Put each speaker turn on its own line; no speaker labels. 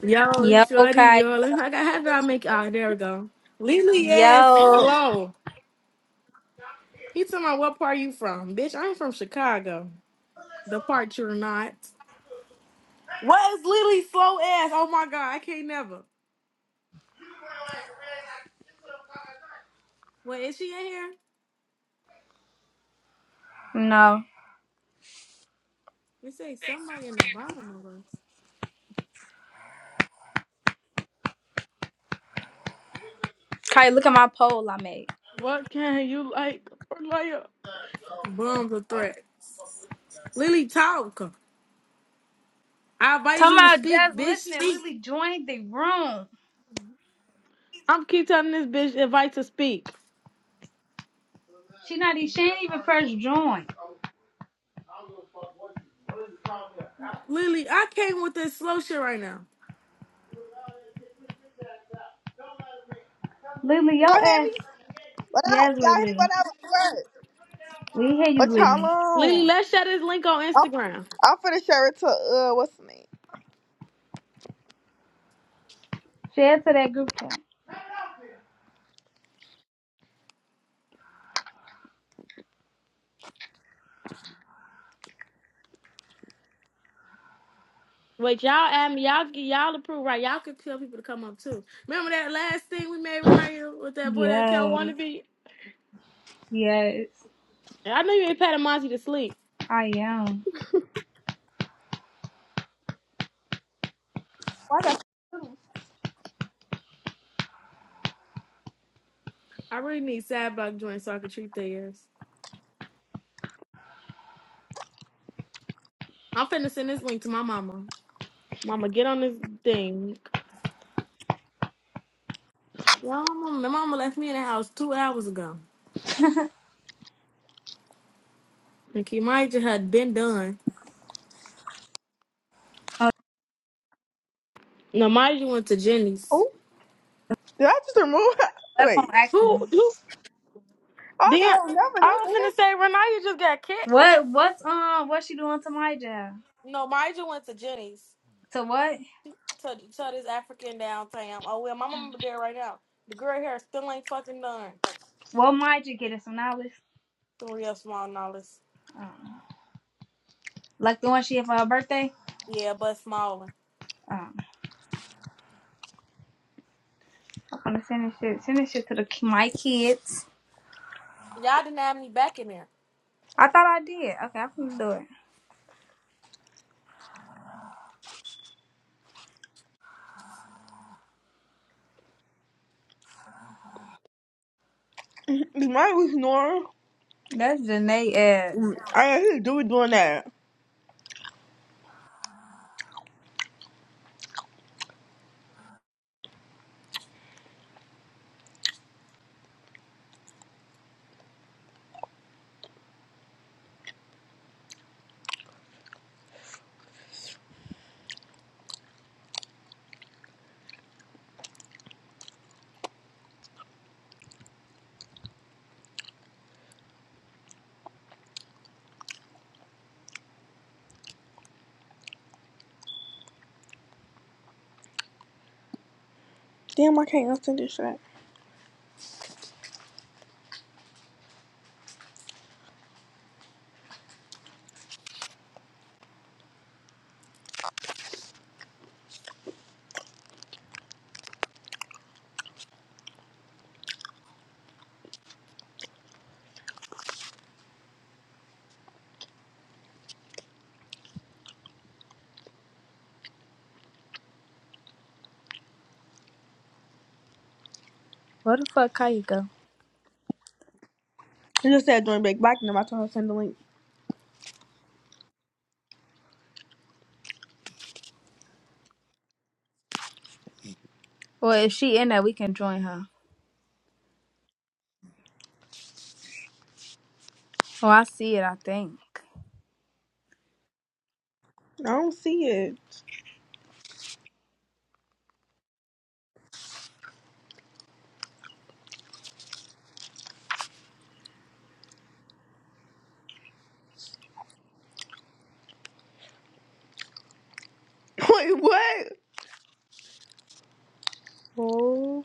Yo,
Yo,
shorty,
Kai.
yo, look, how, how did I make? Oh, there we go. Lily ass
Yo.
slow. He told me, what part you from, bitch? i ain't from Chicago. The part you're not. What is Lily slow ass? Oh my god, I can't never. Wait, is she in here?
No.
It say somebody in the bottom of us.
Kai, look at my poll I made.
What can you like or like? Bums or threats. Lily, talk. I invite
Talking
you to
about
speak,
just
bitch.
listening.
Speak.
Lily joined the room.
I'm keep telling this bitch invite to speak.
She not even, she ain't even first joined.
Lily, I came with this slow shit right now.
Lily,
Y'all
your ass.
hear me? What up?
Yes,
Y'all hear what
Lily.
I was saying?
We hear you,
What
Lily.
Lily,
y'all on?
let's share this link on
I'm,
Instagram.
I'm finna share it to, uh, what's the name?
Share to that group chat.
Wait, y'all add me. Y'all get y'all approve, right? Y'all can tell people to come up too. Remember that last thing we made when I with that boy that Cal
Yes.
wanna be?
Yes.
I knew you ain't patting Monty to sleep.
I am.
Why the
I really need sad block joints so I can treat their ears. I'm finna send this link to my mama. Mama, get on this thing. Y'all, mama, my mama left me in the house two hours ago. And Kimaja had been done. No, Maja went to Jenny's.
oh, did I just remove her?
That's on
Wait.
accident.
Who? Who?
Oh, no, that
Damn.
was never
I
that
was finna
the
say Renaya just got kicked.
What, what's, um, what's she doing to my job?
No, Maja went to Jenny's.
To what?
Tell, tell this African downtown. Oh well, my mama there right now. The girl here still ain't fucking done.
What might you get some knowledge?
Some real small knowledge.
Like the one she had for her birthday?
Yeah, but smaller.
Um, I'm gonna send this shit, send this shit to the, ki- my kids.
Y'all didn't have me back in there.
I thought I did. Okay, I'm gonna do it.
Is mine was normal?
That's Janae ass.
Mm, I did do it doing that. Damn, I can't unsend this shit.
Where the fuck Kaya go?
It just said join back black, and then I told her to send the link.
Well, if she in there, we can join her. Oh, I see it, I think.
I don't see it. Wait, what?
Oh.